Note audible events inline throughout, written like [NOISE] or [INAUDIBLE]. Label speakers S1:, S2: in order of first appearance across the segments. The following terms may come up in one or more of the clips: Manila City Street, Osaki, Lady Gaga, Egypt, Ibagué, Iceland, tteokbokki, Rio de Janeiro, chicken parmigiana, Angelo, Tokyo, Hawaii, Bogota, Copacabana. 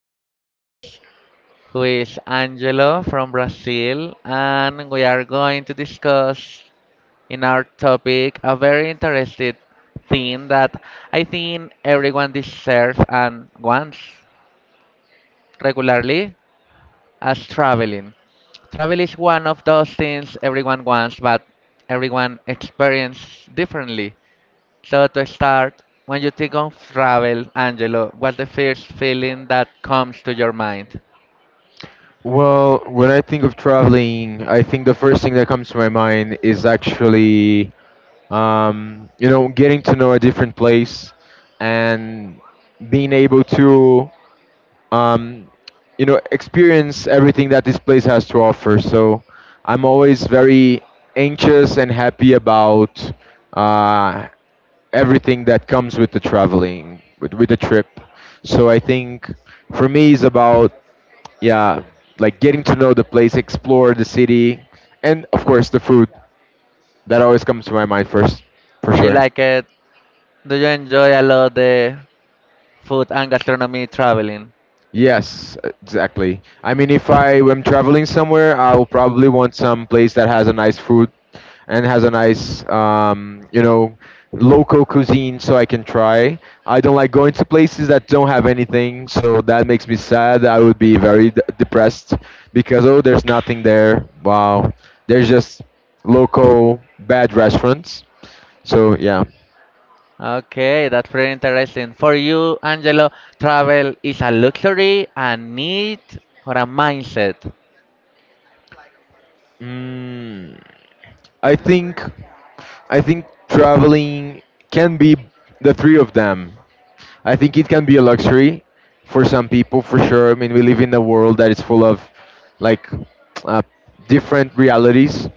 S1: special guest who is Angelo from Brazil, and we are going to discuss in our topic a very interesting thing that I think everyone deserves and wants regularly as traveling. Travel is one of those things everyone wants, but everyone experiences differently. So to start, when you think of travel, Angelo, what's the first feeling that comes to your mind?
S2: Well, when I think of traveling, I think the first thing that comes to my mind is actually, getting to know a different place and being able to, um, experience everything that this place has to offer. So I'm always very anxious and happy about uh, everything that comes with the traveling, with the trip. So I think for me, it's about yeah, like getting to know the place, explore the city, and of course the food. That always comes to my mind first, for
S1: You
S2: sure.
S1: like it? Do you enjoy a lot the food and gastronomy traveling?
S2: Yes, exactly. I mean, if I am traveling somewhere, I will probably want some place that has a nice food and has a nice, local cuisine so I can try. I don't like going to places that don't have anything, so that makes me sad. I would be very depressed because, oh, there's nothing there. Wow. There's just local bad restaurants. So, yeah.
S1: Okay, that's pretty interesting. For you, Angelo, travel is a luxury, a need, or a mindset?
S2: Mm, I think. I think traveling can be the three of them. I think it can be a luxury for some people, for sure. I mean, we live in a world that is full of like uh, different realities.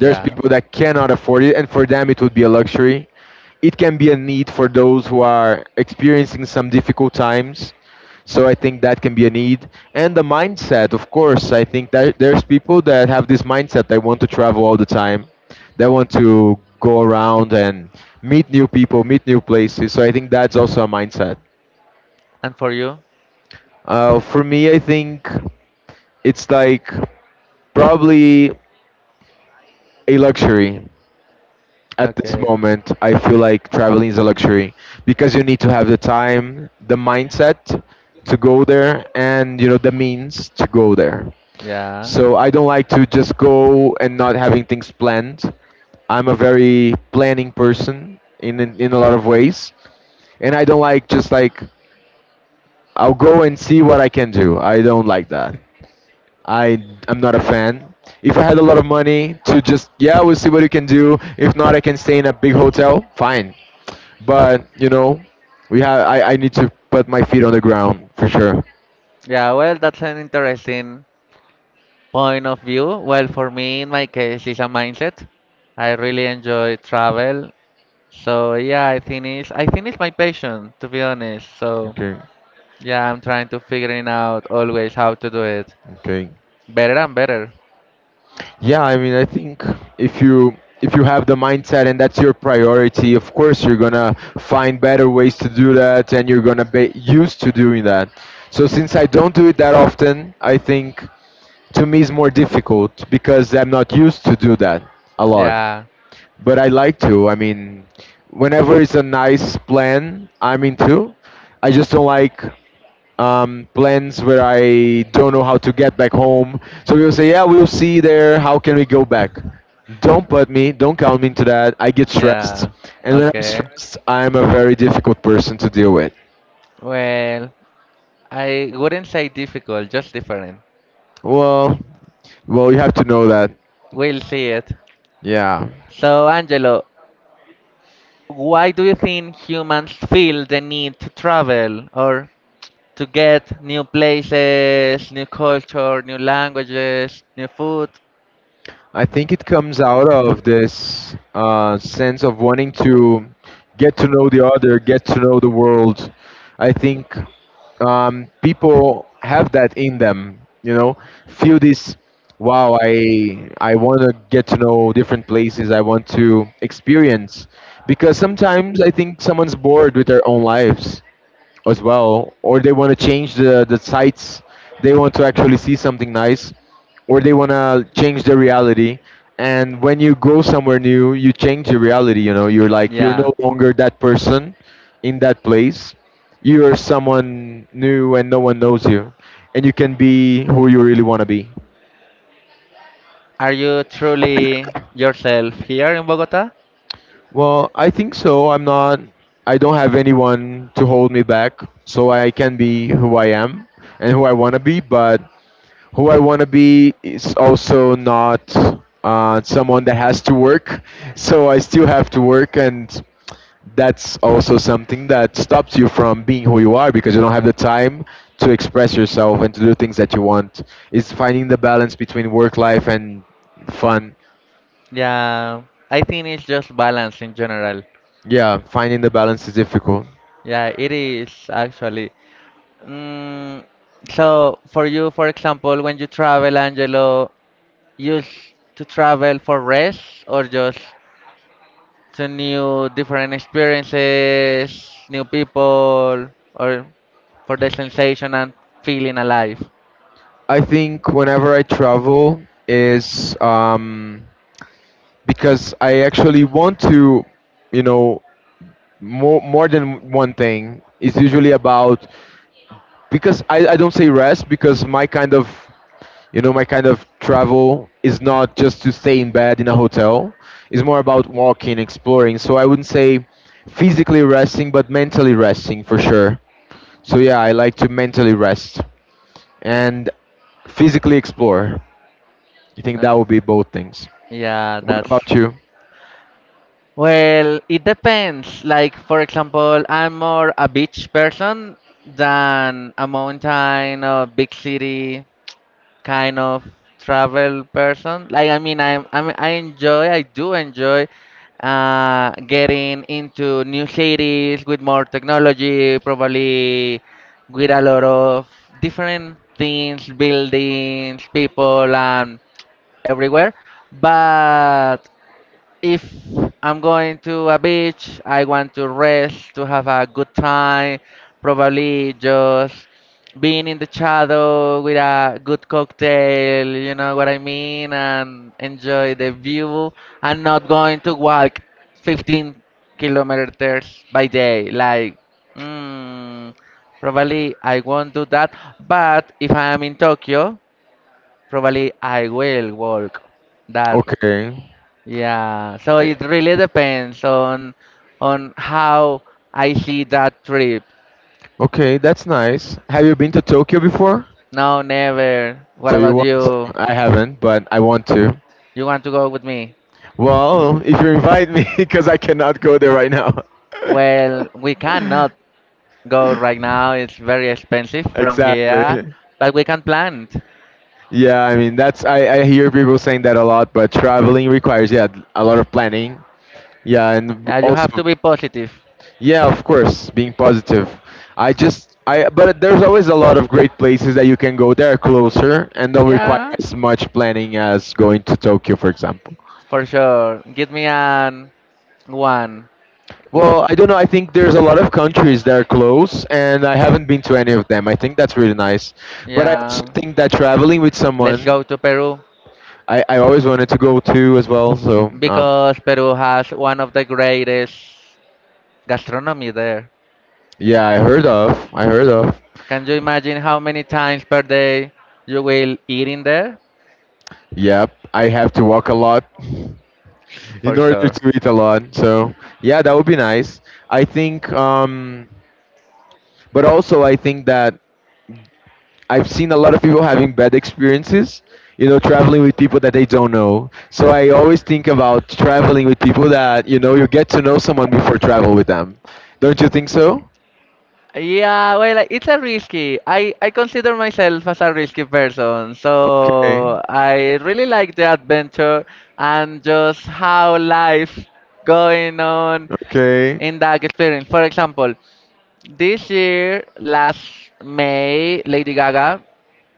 S2: There's
S1: Yeah.
S2: people that cannot afford it, and for them, it would be a luxury. It can be a need for those who are experiencing some difficult times, so I think that can be a need. And the mindset, of course, I think that there's people that have this mindset. They want to travel all the time. They want to go around and meet new people, meet new places. So I think that's also a mindset.
S1: And for you?
S2: For me, I think it's like probably a luxury at this
S1: Okay.
S2: moment. I feel like traveling is a luxury because you need to have the time, the mindset to go there, and you know, the means to go there.
S1: Yeah.
S2: So I don't like to just go and not having things planned. I'm a very planning person in a lot of ways, and I don't like just like, I'll go and see what I can do. I don't like that. I'm not a fan. If I had a lot of money to just, yeah, we'll see what you can do. If not, I can stay in a big hotel. Fine, but you know, we have I need to put my feet on the ground for sure.
S1: Yeah, well, that's an interesting point of view. Well, for me, in my case, it's a mindset. I really enjoy travel. So yeah, I think it's my passion, to be honest. So
S2: Okay,
S1: yeah, I'm trying to figuring out always how to do it
S2: okay.
S1: better and better.
S2: Yeah, I mean, I think if you if you have the mindset and that's your priority, of course you're gonna find better ways to do that, and you're gonna be used to doing that. So since I don't do it that often, I think to me it's more difficult because I'm not used to do that a lot.
S1: Yeah.
S2: But I like to. I mean, whenever it's a nice plan, I'm into. I just
S1: Do.
S2: don't like plans where I don't know how to get back home. So we'll say, yeah, we'll see you there. How can we go back? Don't put me, don't count me into that. I get stressed.
S1: Yeah.
S2: And
S1: I.
S2: when I'm
S1: Okay.
S2: stressed, I'm a very difficult person to deal with.
S1: Deal with. Well, I wouldn't say difficult, just different.
S2: Well, well, you have to know that.
S1: We'll see it.
S2: Yeah.
S1: So, Angelo, why do you think humans feel the need to travel or to get new places, new culture, new languages, new food?
S2: I think it comes out of this sense of wanting to get to know the other, get to know the world. I think people have that in them, you know, feel this. Wow, I want to get to know different places. I want to experience, because sometimes I think someone's bored with their own lives as well, or they want to change the sites. They want to actually see something nice, or they want to change the reality. And when you go somewhere new, you change the reality. You know, you're like, you're no longer that person in that place. You are someone new, and no one knows you, and you can be who you really want to be.
S1: Are you truly yourself here in Bogota?
S2: Well, I think so. I'm not. I don't have anyone to hold me back, so I can be who I am and who I want to be. But who I want to be is also not someone that has to work. So I still have to work, and that's also something that stops you from being who you are because you don't have the time to express yourself and to do things that you want. It's finding the balance between work life and fun.
S1: Yeah, I think it's just balance in general.
S2: Yeah, finding the balance is difficult.
S1: Yeah, it is actually. Mm, so, for you, for example, when you travel, Angelo, to travel for rest or just to new different experiences, new people, or for the sensation and feeling alive?
S2: I think whenever I travel is because I actually want to, you know, more than one thing. It's usually about, because I don't say rest because my kind of, travel is not just to stay in bed in a hotel. It's more about walking, exploring. So I wouldn't say physically resting, but mentally resting for sure. So yeah, I like to mentally rest and physically explore. I think
S1: Uh,
S2: that would be both things.
S1: yeah,
S2: What
S1: that's.
S2: about you?
S1: Well, it depends. Like, for example, I'm more a beach person than a mountain or big city kind of travel person. Like, I mean, I do enjoy getting into new cities with more technology, probably with a lot of different things, buildings, people, and everywhere. But if I'm going to a beach, I want to rest, to have a good time, probably just being in the shadow with a good cocktail, you know what I mean, and enjoy the view. I'm not going to walk 15 kilometers by day. Like, mm, probably I won't do that, but if I am in Tokyo, probably I will walk that.
S2: Okay.
S1: Yeah, so
S2: I-
S1: it really depends on how I see that trip.
S2: Okay, that's nice. Have you been to Tokyo before?
S1: No, never. What
S2: So you
S1: about
S2: want to?
S1: you?
S2: I haven't, but I want to.
S1: You want to go with me?
S2: Well, if you invite me, [LAUGHS] because I cannot go there right now.
S1: Well, we cannot
S2: [LAUGHS]
S1: go right now. It's very expensive from
S2: Exactly.
S1: here, but we can plan it.
S2: Yeah, I mean I hear people saying that a lot, but traveling requires, yeah, a lot of planning. Yeah, and
S1: Yeah, you have to
S2: also.
S1: be positive.
S2: Yeah, of course, being positive. I just I but there's always a lot of great places that you can go that are closer and don't require
S1: Yeah,
S2: as much planning as going to Tokyo, for example.
S1: for sure. Give me an one.
S2: Well, I don't know. I think there's a lot of countries that are close, and I haven't been to any of them. I think that's really nice. But I also
S1: Yeah.
S2: think that traveling with
S1: Let's
S2: someone,
S1: go to Peru
S2: I always wanted to go to as well. So
S1: because Peru has one of the greatest gastronomy there.
S2: yeah, I heard of. I heard of.
S1: Can you imagine how many times per day you will eat in there?
S2: Yep, I have to walk a lot. [LAUGHS]
S1: For
S2: In order
S1: sure.
S2: to eat a lot. So yeah, that would be nice. I think, but also I think that I've seen a lot of people having bad experiences. You know, traveling with people that they don't know. So I always think about traveling with people that, you know, you get to know someone before travel with them. Don't you think so?
S1: Yeah, well, like, it's a risky. I consider myself as a risky person,
S2: Okay.
S1: so I really like the adventure and just how life going on
S2: Okay.
S1: in that experience. For example, this year, last May, Lady Gaga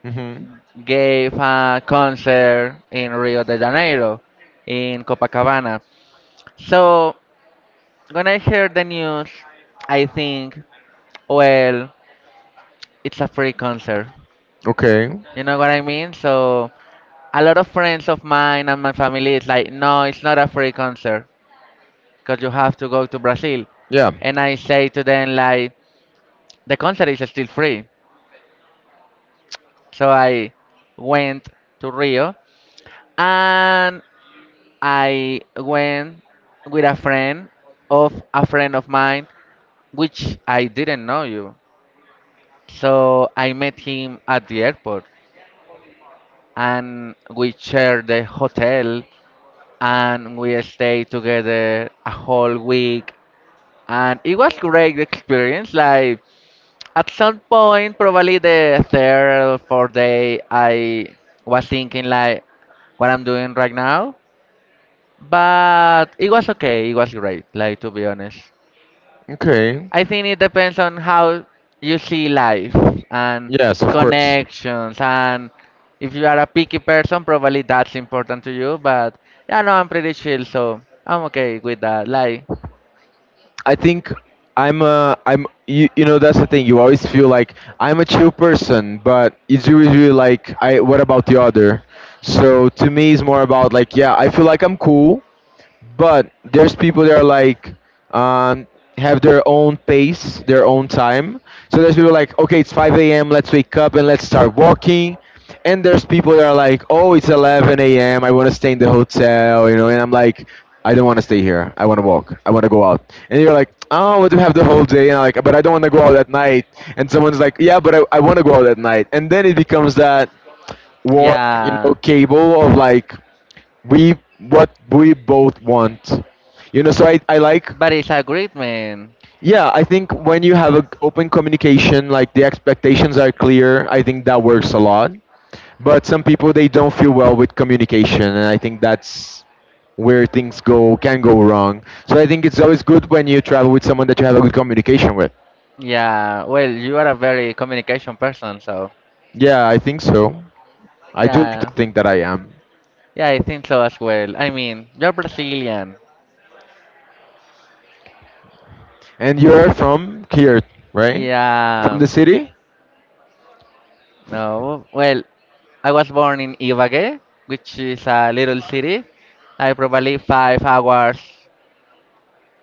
S2: Hmm.
S1: gave a concert in Rio de Janeiro, in Copacabana. So when I hear the news, I think, well, it's a free concert.
S2: Okay.
S1: You know what I mean? So a lot of friends of mine and my family is like, no, it's not a free concert because you have to go to Brazil.
S2: Yeah.
S1: And I say to them like, the concert is still free. So I went to Rio and I went with a friend of mine, which I didn't know you. So I met him at the airport and we shared the hotel and we stayed together a whole week and it was great experience like at some point probably the third or fourth day, I was thinking like, what I'm doing right now. But it was okay, it was great, like to be honest.
S2: Okay.
S1: I think it depends on how you see life and
S2: Yes, of course.
S1: connections and if you are a picky person, probably that's important to you, but yeah, no, I'm pretty chill, so I'm okay with that. Like,
S2: I think I'm, you know, that's the thing. You always feel like I'm a chill person, but it's really, really like, I what about the other? So to me, it's more about like, yeah, I feel like I'm cool, but there's people that are like, um, have their own pace, their own time. So there's people like, okay, it's 5 a.m., let's wake up and let's start walking. And there's people that are like, oh, it's 11 a.m., I want to stay in the hotel, you know. And I'm like, I don't want to stay here, I want to walk, I want to go out. And you're like, oh, what, do we have the whole day? And I'm like, but I don't want to go out at night. And someone's like, yeah, but I want to go out at night. And then it becomes that war, you know,
S1: yeah.
S2: cable of like, we, what we both want, you know. So I like,
S1: But it's a great man.
S2: yeah, I think when you have an open communication, like, the expectations are clear, I think that works a lot. But some people they don't feel well with communication, and I think that's where things go can go wrong. So I think it's always good when you travel with someone that you have a good communication with.
S1: Yeah, well, you are a very communication person, so
S2: Yeah, I think so. I do need to
S1: yeah.
S2: think that I am.
S1: Yeah, I think so as well. I mean, you're Brazilian.
S2: And you're from here, right? From
S1: Yeah,
S2: the city?
S1: no. Well, I was born in Ibagué, which is a little city. I probably 5 hours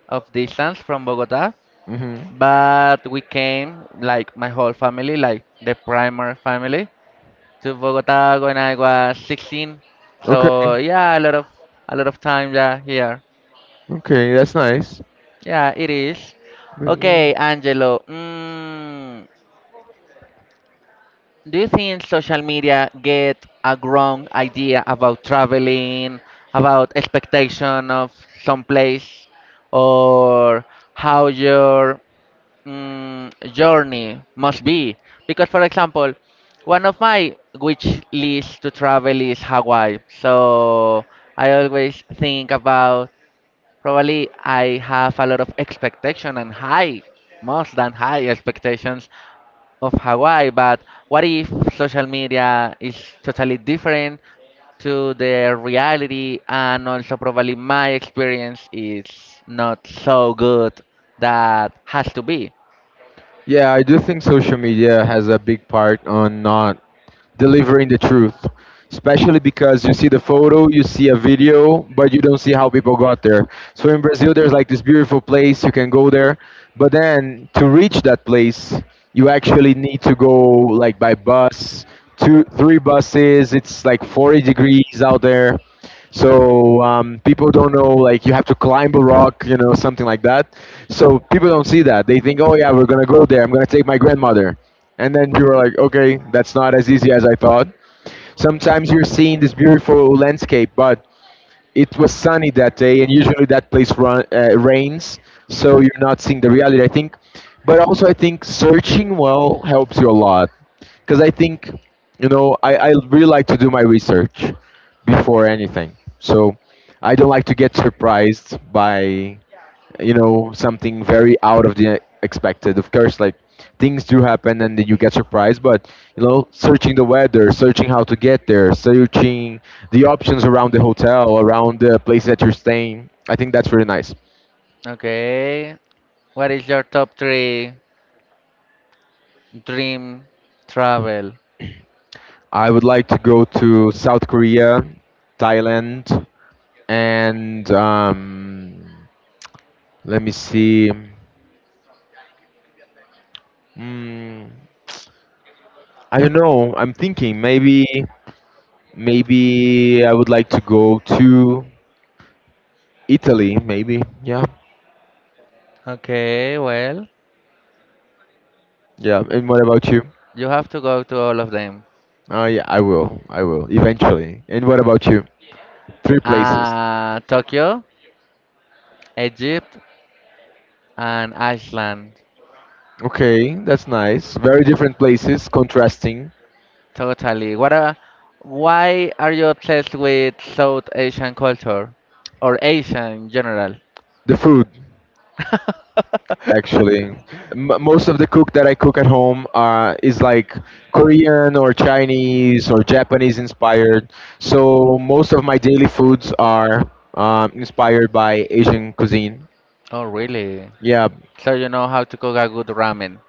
S1: of distance from Bogota,
S2: Mm-hmm.
S1: but we came like my whole family, like the primary family, to Bogota when I was 16. So
S2: Okay,
S1: yeah, a lot of time yeah here.
S2: okay, that's nice.
S1: Yeah, it is. Okay,
S2: Really?
S1: Angelo. Do you think social media get a wrong idea about traveling, about expectation of some place, or how your journey must be? Because, for example, one of my wish lists to travel is Hawaii. So I always think about probably I have a lot of expectation and high, most than high expectations of Hawaii, but what if social media is totally different to the reality and also probably my experience is not so good that has to be.
S2: Yeah, I do think social media has a big part on not delivering the truth, especially because you see the photo, you see a video, but you don't see how people got there. So in Brazil, there's like this beautiful place you can go there, but then to reach that place, you actually need to go like by bus, two, three buses. It's like 40 degrees out there. So people don't know, like, you have to climb a rock, you know, something like that. So people don't see that. They think, oh yeah, we're gonna go there, I'm gonna take my grandmother, and then you're like, okay, that's not as easy as I thought. Sometimes you're seeing this beautiful landscape, but it was sunny that day, and usually that place rains, so you're not seeing the reality, I think. But also, I think searching well helps you a lot, because I think, I really like to do my research before anything, so I don't like to get surprised by, something very out of the expected. Of course, like, things do happen and then you get surprised, but, searching the weather, searching how to get there, searching the options around the hotel, around the place that you're staying, I think that's really nice.
S1: Okay. What is your top three dream travel?
S2: I would like to go to South Korea, Thailand, and let me see. mm, I don't know. I'm thinking maybe, I would like to go to Italy, maybe. Yeah,
S1: Okay, well,
S2: yeah. And what about you?
S1: you have to go to all of them.
S2: Yeah, I will. I will eventually. And what about you? Three places.
S1: Tokyo, Egypt, and Iceland.
S2: Okay, that's nice. Very different places, contrasting
S1: Totally. Why are you obsessed with South Asian culture or Asian in general?
S2: the food. Actually,
S1: [LAUGHS]
S2: Most of the cook that I cook at home is like Korean or Chinese or Japanese inspired. So most of my daily foods are inspired by Asian cuisine.
S1: Oh, really?
S2: Yeah.
S1: So you know how to cook a good ramen.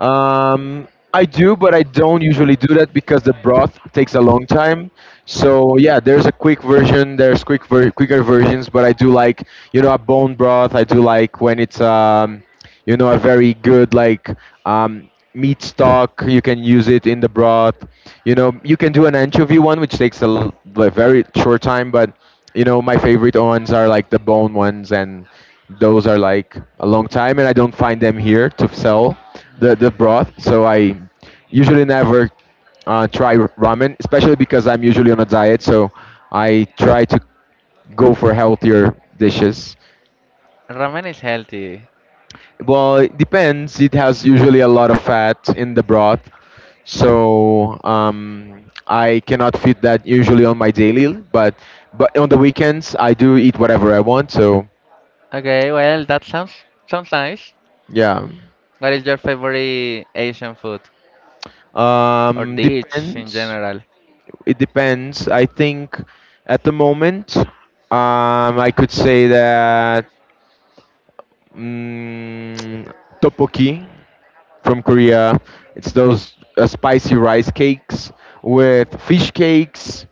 S2: Um, I do, but I don't usually do that because the broth takes a long time. So yeah, there's a quick version. There's quick, quicker versions, but I do like, you know, a bone broth. I do like when it's, you know, a very good, like, meat stock. You can use it in the broth. You know, you can do an anchovy one, which takes a like, very short time, but, you know, my favorite ones are like the bone ones, and those are like a long time, and I don't find them here to sell the
S1: Mm.
S2: broth. So I usually never try ramen, especially because I'm usually on a diet. So I try to go for healthier dishes.
S1: Ramen is healthy.
S2: Well, it depends. It has usually a lot of fat in the broth. So, I cannot fit that usually on my daily, but on the weekends I do eat whatever I want. So
S1: Okay, well, that sounds nice.
S2: yeah.
S1: What is your favorite Asian food or dish in
S2: Depends.
S1: general?
S2: It depends. I think at the moment, I could say that, Mm, tteokbokki from Korea. It's those spicy rice cakes with fish cakes,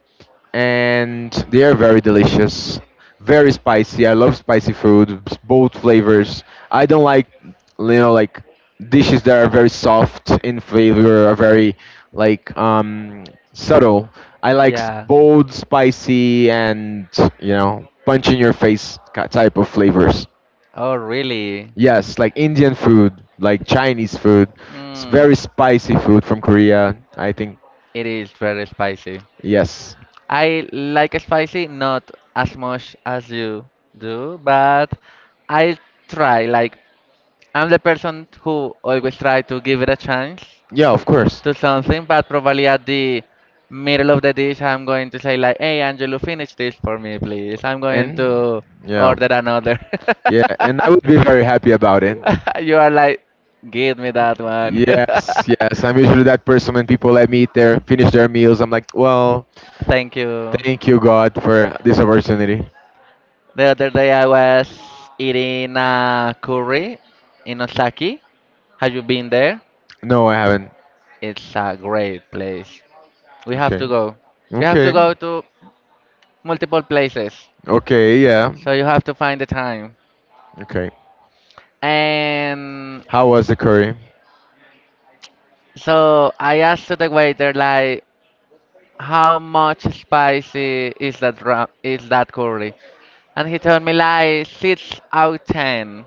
S2: and they are very delicious. Very spicy. I love spicy food, both flavors. I don't like, like, dishes that are very soft in flavor, are very like, subtle. I like,
S1: Yeah.
S2: bold, spicy, and, you know, punch in your face, type of flavors.
S1: Oh, really?
S2: Yes, like Indian food, like Chinese food. It's
S1: Mm,
S2: very spicy food from Korea, I think.
S1: it is very spicy.
S2: Yes.
S1: I like spicy, not as much as you do, but I try. Like, I'm the person who always try to give it a chance
S2: Yeah, of course.
S1: to something, but probably at the middle of the dish, I'm going to say like, "Hey, Angelo, finish this for me, please. I'm going to
S2: And yeah.
S1: order another."
S2: Yeah, and I would be very happy about it.
S1: [LAUGHS] You are like, "Give me that one."
S2: Yes,
S1: [LAUGHS]
S2: yes. I'm usually that person when people let me eat their finish their meals. I'm like, well,
S1: Thank you.
S2: thank you, God, for this opportunity.
S1: The other day I was eating a curry in Osaki. Have you been there?
S2: No, I haven't.
S1: It's a great place. We have to
S2: Okay.
S1: go. We have to
S2: Okay.
S1: go to multiple places.
S2: Okay, yeah.
S1: So you have to find the time.
S2: Okay.
S1: And
S2: How was the curry?
S1: so I asked to the waiter like, how much spicy is that is that curry? And he told me like 6 out of 10.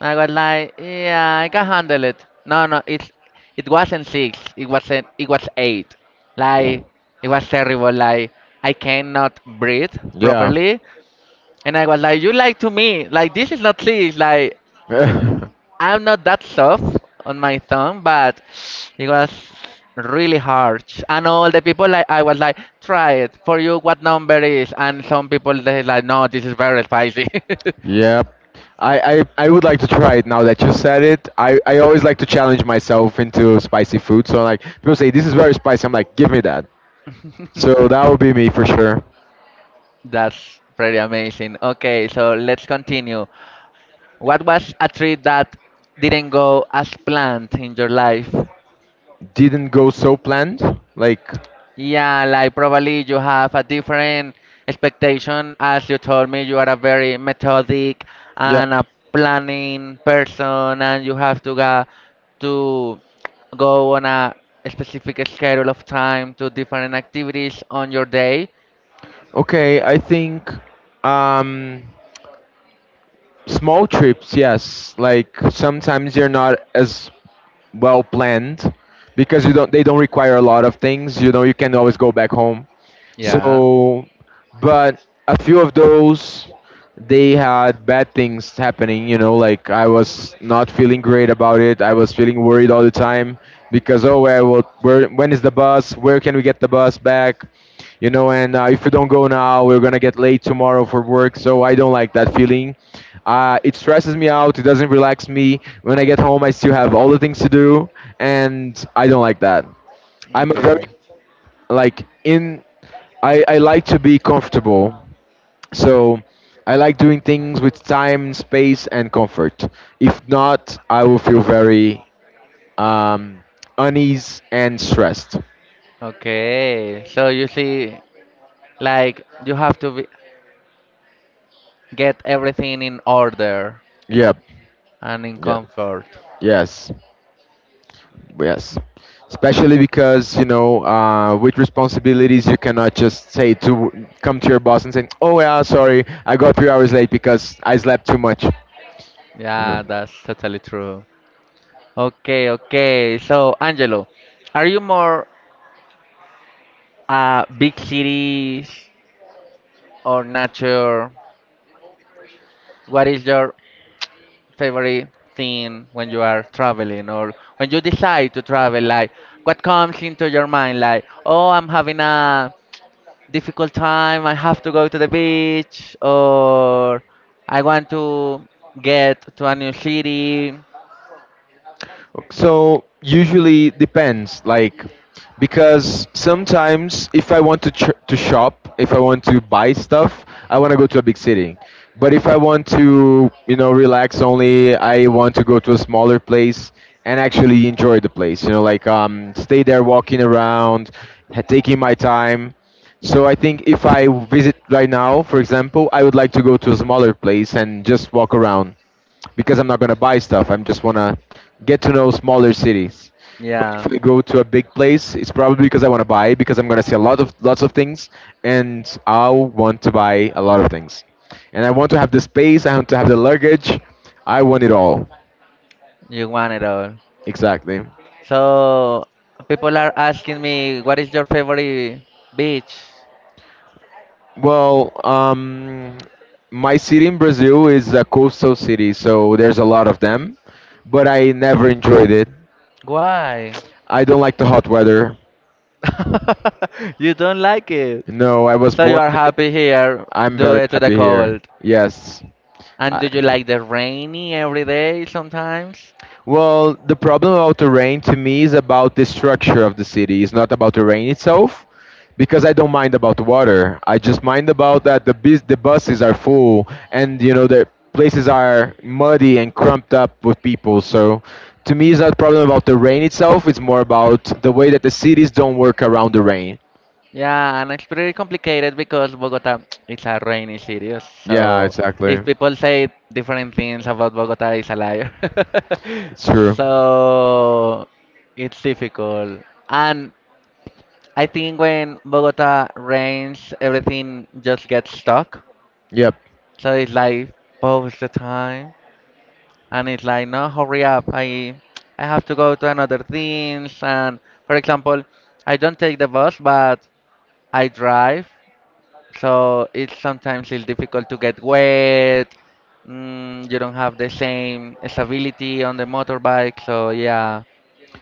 S1: I was like, yeah, I can handle it. No, no, it wasn't six. It wasn't. It was eight. Like it was terrible. Like I cannot breathe
S2: Yeah.
S1: properly. And I was like, you lied to me. Like this is not six. Like
S2: [LAUGHS]
S1: I'm not that soft on my tongue, but it was really harsh. And all the people like I was like, try it for you. What number is? And some people they like, no, this is very spicy. [LAUGHS]
S2: Yep. I would like to try it now that you said it. I always like to challenge myself into spicy food. So, like, people say this is very spicy. I'm like, give me that. So that would be me for sure.
S1: That's pretty amazing. Okay, so let's continue. What was a treat that didn't go as planned in your life?
S2: Didn't go so planned. Like,
S1: Yeah, like probably you have a different expectation as you told me you are a very methodic
S2: yeah.
S1: and a planning person and you have to to go on a specific schedule of time to different activities on your day.
S2: Okay, I think um, small trips, yes. Like, sometimes you're not as well planned because, you don't they don't require a lot of things. You know, you can always go back home,
S1: Yeah.
S2: so. But a few of those, they had bad things happening, you know. Like, I was not feeling great about it. I was feeling worried all the time because, oh, where, where, when is the bus, where can we get the bus back? You know, and, if we don't go now, we're gonna get late tomorrow for work, so I don't like that feeling. It stresses me out, it doesn't relax me. When I get home, I still have all the things to do, and I don't like that. I'm a very,
S1: Okay.
S2: like in I like to be comfortable. So I like doing things with time, space, and comfort. If not, I will feel very, um, unease and stressed.
S1: Okay. So you see like you have to get everything in order
S2: Yep.
S1: and in
S2: Yeah.
S1: comfort.
S2: Yes. Yes, especially because, you know, with responsibilities, you cannot just say to come to your boss and say, "Oh yeah, sorry, I got 3 hours late because I slept too much." You know.
S1: Yeah, that's totally true. Okay, okay. So, Angelo, are you more big cities or nature? What is your favorite thing when you are traveling or when you decide to travel? Like, what comes into your mind? Like, oh, I'm having a difficult time. I have to go to the beach, or I want to get to a new city.
S2: So usually depends, like, because sometimes if I want to ch to shop, if I want to buy stuff, I want to go to a big city. But if I want to, you know, relax only, I want to go to a smaller place and actually enjoy the place. You know, like, stay there walking around, taking my time. So I think if I visit right now, for example, I would like to go to a smaller place and just walk around, because I'm not gonna buy stuff. I'm just wanna get to know smaller cities. But if
S1: Yeah.
S2: I go to a big place, it's probably because I wanna buy, because I'm gonna see a lot of lots of things, and I'll want to buy a lot of things, and I want to have the space. I want to have the luggage. I want it all.
S1: You want it all.
S2: Exactly.
S1: So people are asking me, what is your favorite beach?
S2: Well, my city in Brazil is a coastal city, so there's a lot of them, but I never enjoyed it.
S1: Why?
S2: I don't like the hot weather.
S1: [LAUGHS] You don't like it.
S2: No, I was
S1: So you
S2: born
S1: are
S2: in
S1: happy
S2: it.
S1: here,
S2: I'm
S1: do
S2: very
S1: it to the
S2: happy here.
S1: cold.
S2: Yes.
S1: And do
S2: I,
S1: you like the rainy every day sometimes?
S2: well, the problem about the rain to me is about the structure of the city. It's not about the rain itself, because I don't mind about the water. I just mind about that the buses are full, and, you know, the places are muddy and crumped up with people. So, to me, it's not a problem about the rain itself. It's more about the way that the cities don't work around the rain.
S1: Yeah, and it's pretty complicated because Bogota [TSK] it's a rainy city.
S2: Yeah,
S1: So
S2: exactly.
S1: if people say different things about Bogota, it's a liar.
S2: It's
S1: [LAUGHS]
S2: true.
S1: So it's difficult. And I think when Bogota rains, everything just gets stuck.
S2: Yep.
S1: So it's like both the time, and it's like, no, hurry up! I have to go to another things. And for example, I don't take the bus, but I drive. So it's sometimes it's difficult to get wet. You don't have the same stability on the motorbike. So yeah,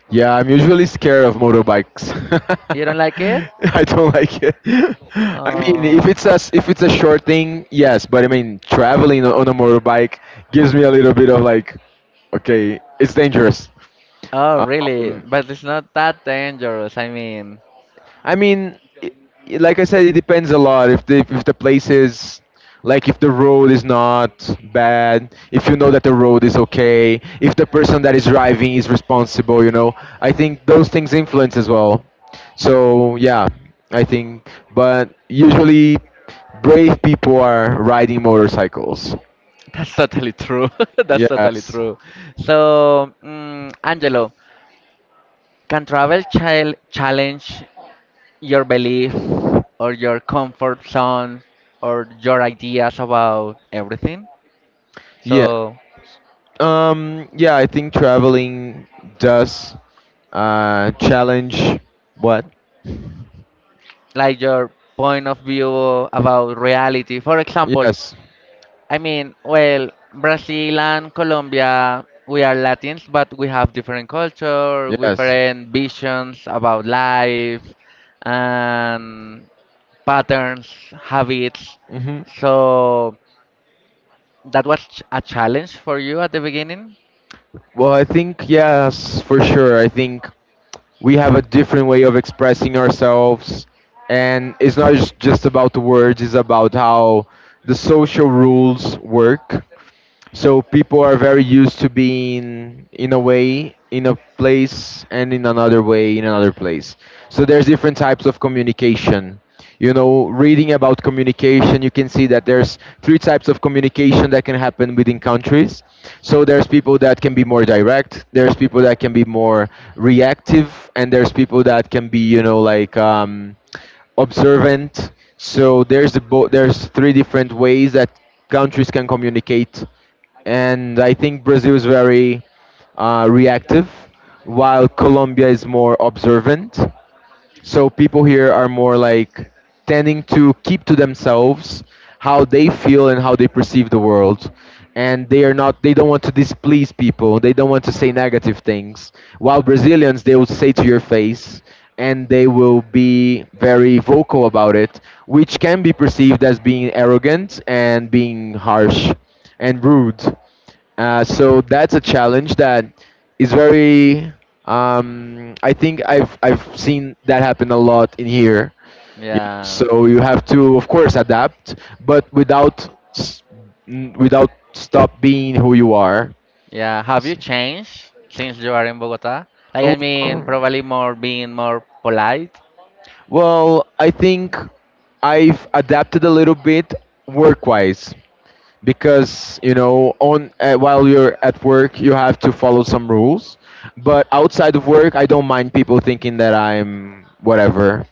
S2: Yeah, I'm usually scared of motorbikes. [LAUGHS]
S1: you don't like it?
S2: I don't like it. [LAUGHS] I mean, if
S1: Oh.
S2: it's a if it's a short thing, yes, but I mean, traveling on a motorbike gives me a little bit of, like, okay, it's dangerous.
S1: Oh, really?
S2: Um,
S1: But it's not that dangerous. I mean,
S2: I mean, like I said, it depends a lot. If the place is, like, if the road is not bad, if you know that the road is okay, if the person that is driving is responsible, you know, I think those things influence as well. So yeah, I think. But usually, brave people are riding motorcycles.
S1: [LAUGHS] that's totally true. [LAUGHS] That's totally
S2: Yes.
S1: true. So, Angelo, can travel child challenge your belief or your comfort zone or your ideas about everything? So,
S2: Yeah. Yeah, I think traveling does, challenge, what?
S1: like your point of view about reality. For example,
S2: Yes,
S1: I mean, well, Brazil and Colombia, we are Latins, but we have different culture,
S2: yes.
S1: different visions about life, and patterns, habits.
S2: Hmm.
S1: So that was a challenge for you at the beginning.
S2: Well, I think yes, for sure. I think we have a different way of expressing ourselves, and it's not just about the words. It's about how the social rules work. So people are very used to being in a way, in a place, and in another way, in another place. So there's different types of communication. You know, reading about communication, you can see that there's three types of communication that can happen within countries. So there's people that can be more direct, there's people that can be more reactive, and there's people that can be, you know, like, observant. So there's three different ways that countries can communicate. And I think Brazil is very, reactive, while Colombia is more observant. So people here are more like tending to keep to themselves how they feel and how they perceive the world. And they are not they don't want to displease people. They don't want to say negative things. While Brazilians, they will say to your face, and they will be very vocal about it, which can be perceived as being arrogant and being harsh and rude. So that's a challenge that is very. I think I've seen that happen a lot in here. You know,
S1: Yeah.
S2: so you have to, of course, adapt, but without, s- without stop being who you are.
S1: Yeah. Have you changed since you are in Bogota? Like, I mean,
S2: Well,
S1: probably more being more polite.
S2: well, I think I've adapted a little bit work-wise. Because, you know, on while you're at work, you have to follow some rules. But outside of work, I don't mind people thinking that I'm whatever.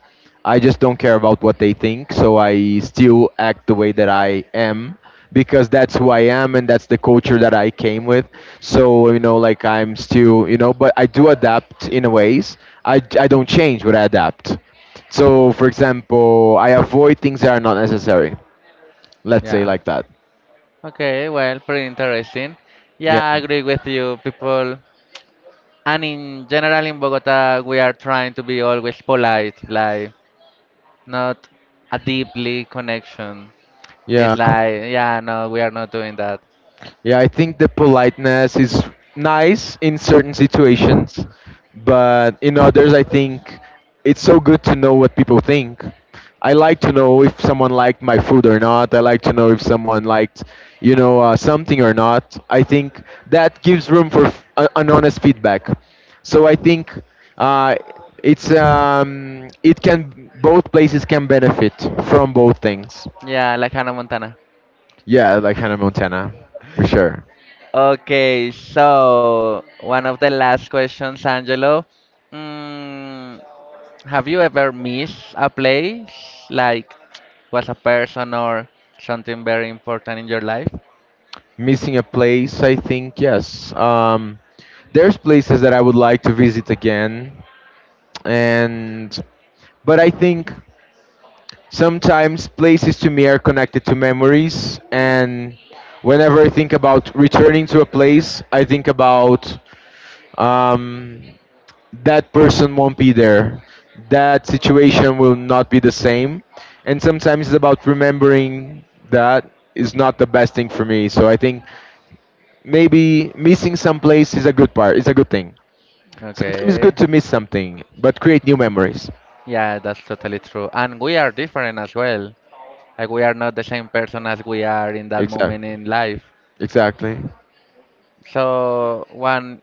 S2: I just don't care about what they think, so I still act the way that I am, because that's who I am, and that's the culture that I came with. So, like, I'm still, you know, but I do adapt in a ways. I don't change, but I adapt. So, for example, I avoid things that are not necessary, let's say
S1: Yeah.
S2: like that.
S1: Okay, well, pretty interesting.
S2: Yeah.
S1: Yeah, I agree with you, people. And in general, in Bogota, we are trying to be always polite, like not a deeply connection. It's
S2: Yeah.
S1: like, yeah, no, we are not doing that.
S2: Yeah, I think the politeness is nice in certain situations, but in others, I think it's so good to know what people think. I like to know if someone liked my food or not. I like to know if someone liked, something or not. I think that gives room for an honest feedback. So I think, uh, it's, it can both places can benefit from both things.
S1: Yeah, like Hannah Montana.
S2: Yeah, like Hannah Montana, for sure.
S1: Okay, so one of the last questions, Angelo. Mm, have you ever missed a place, like was a person or something very important in your life?
S2: Missing a place, I think yes. There's places that I would like to visit again, and but I think sometimes places to me are connected to memories, and whenever I think about returning to a place, I think about, um, that person won't be there, that situation will not be the same, and sometimes it's about remembering that is not the best thing for me. So I think maybe missing some place is a good part. It's a good thing. Sometimes it's good
S1: Okay.
S2: to miss something, but create new memories.
S1: Yeah, that's totally true. And we are different as well. Like we are not the same person as we are in that moment
S2: Exactly.
S1: in life.
S2: Exactly.
S1: So one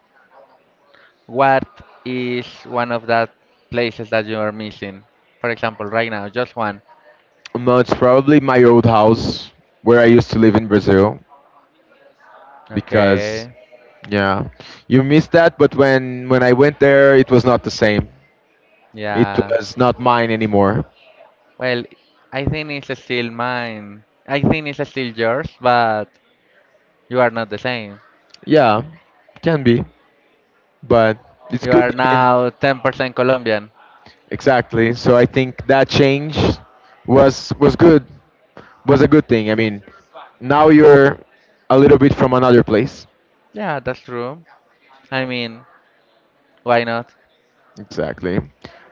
S1: what is one of that places that you are missing? For example, right now, just one.
S2: No, it's probably my old house where I used to live in Brazil, because,
S1: Okay.
S2: yeah, you miss that. But when I went there, it was not the same. It
S1: Yeah.
S2: was not mine anymore.
S1: Well, I think it's still mine. I think it's still yours, but you are not the same.
S2: Yeah, can be, but it's
S1: You
S2: good.
S1: are
S2: I mean,
S1: now 10% Colombian.
S2: exactly. So I think that change was good. Was a good thing. I mean, now you're a little bit from another place.
S1: Yeah, that's true. I mean, why not?
S2: Exactly.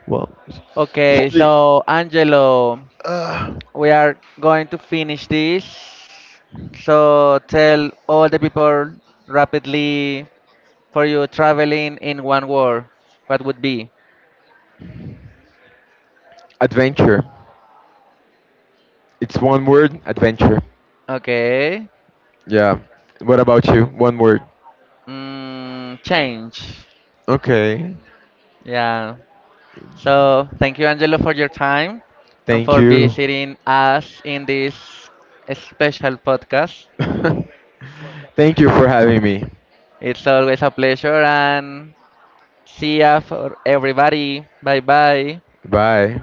S2: Well,
S1: Okay,
S2: should,
S1: so Angelo,
S2: uh,
S1: we are going to finish this. So tell all the people rapidly for you traveling in one word. What would be?
S2: adventure. It's one word, adventure.
S1: Okay.
S2: Yeah. What about you? One word.
S1: Change.
S2: Okay.
S1: Yeah. So thank you, Angelo, for your time and
S2: Thank
S1: for
S2: you.
S1: visiting us in this special podcast.
S2: [LAUGHS] Thank you for having me.
S1: It's always a pleasure and see ya for everybody. Bye bye.
S2: Bye.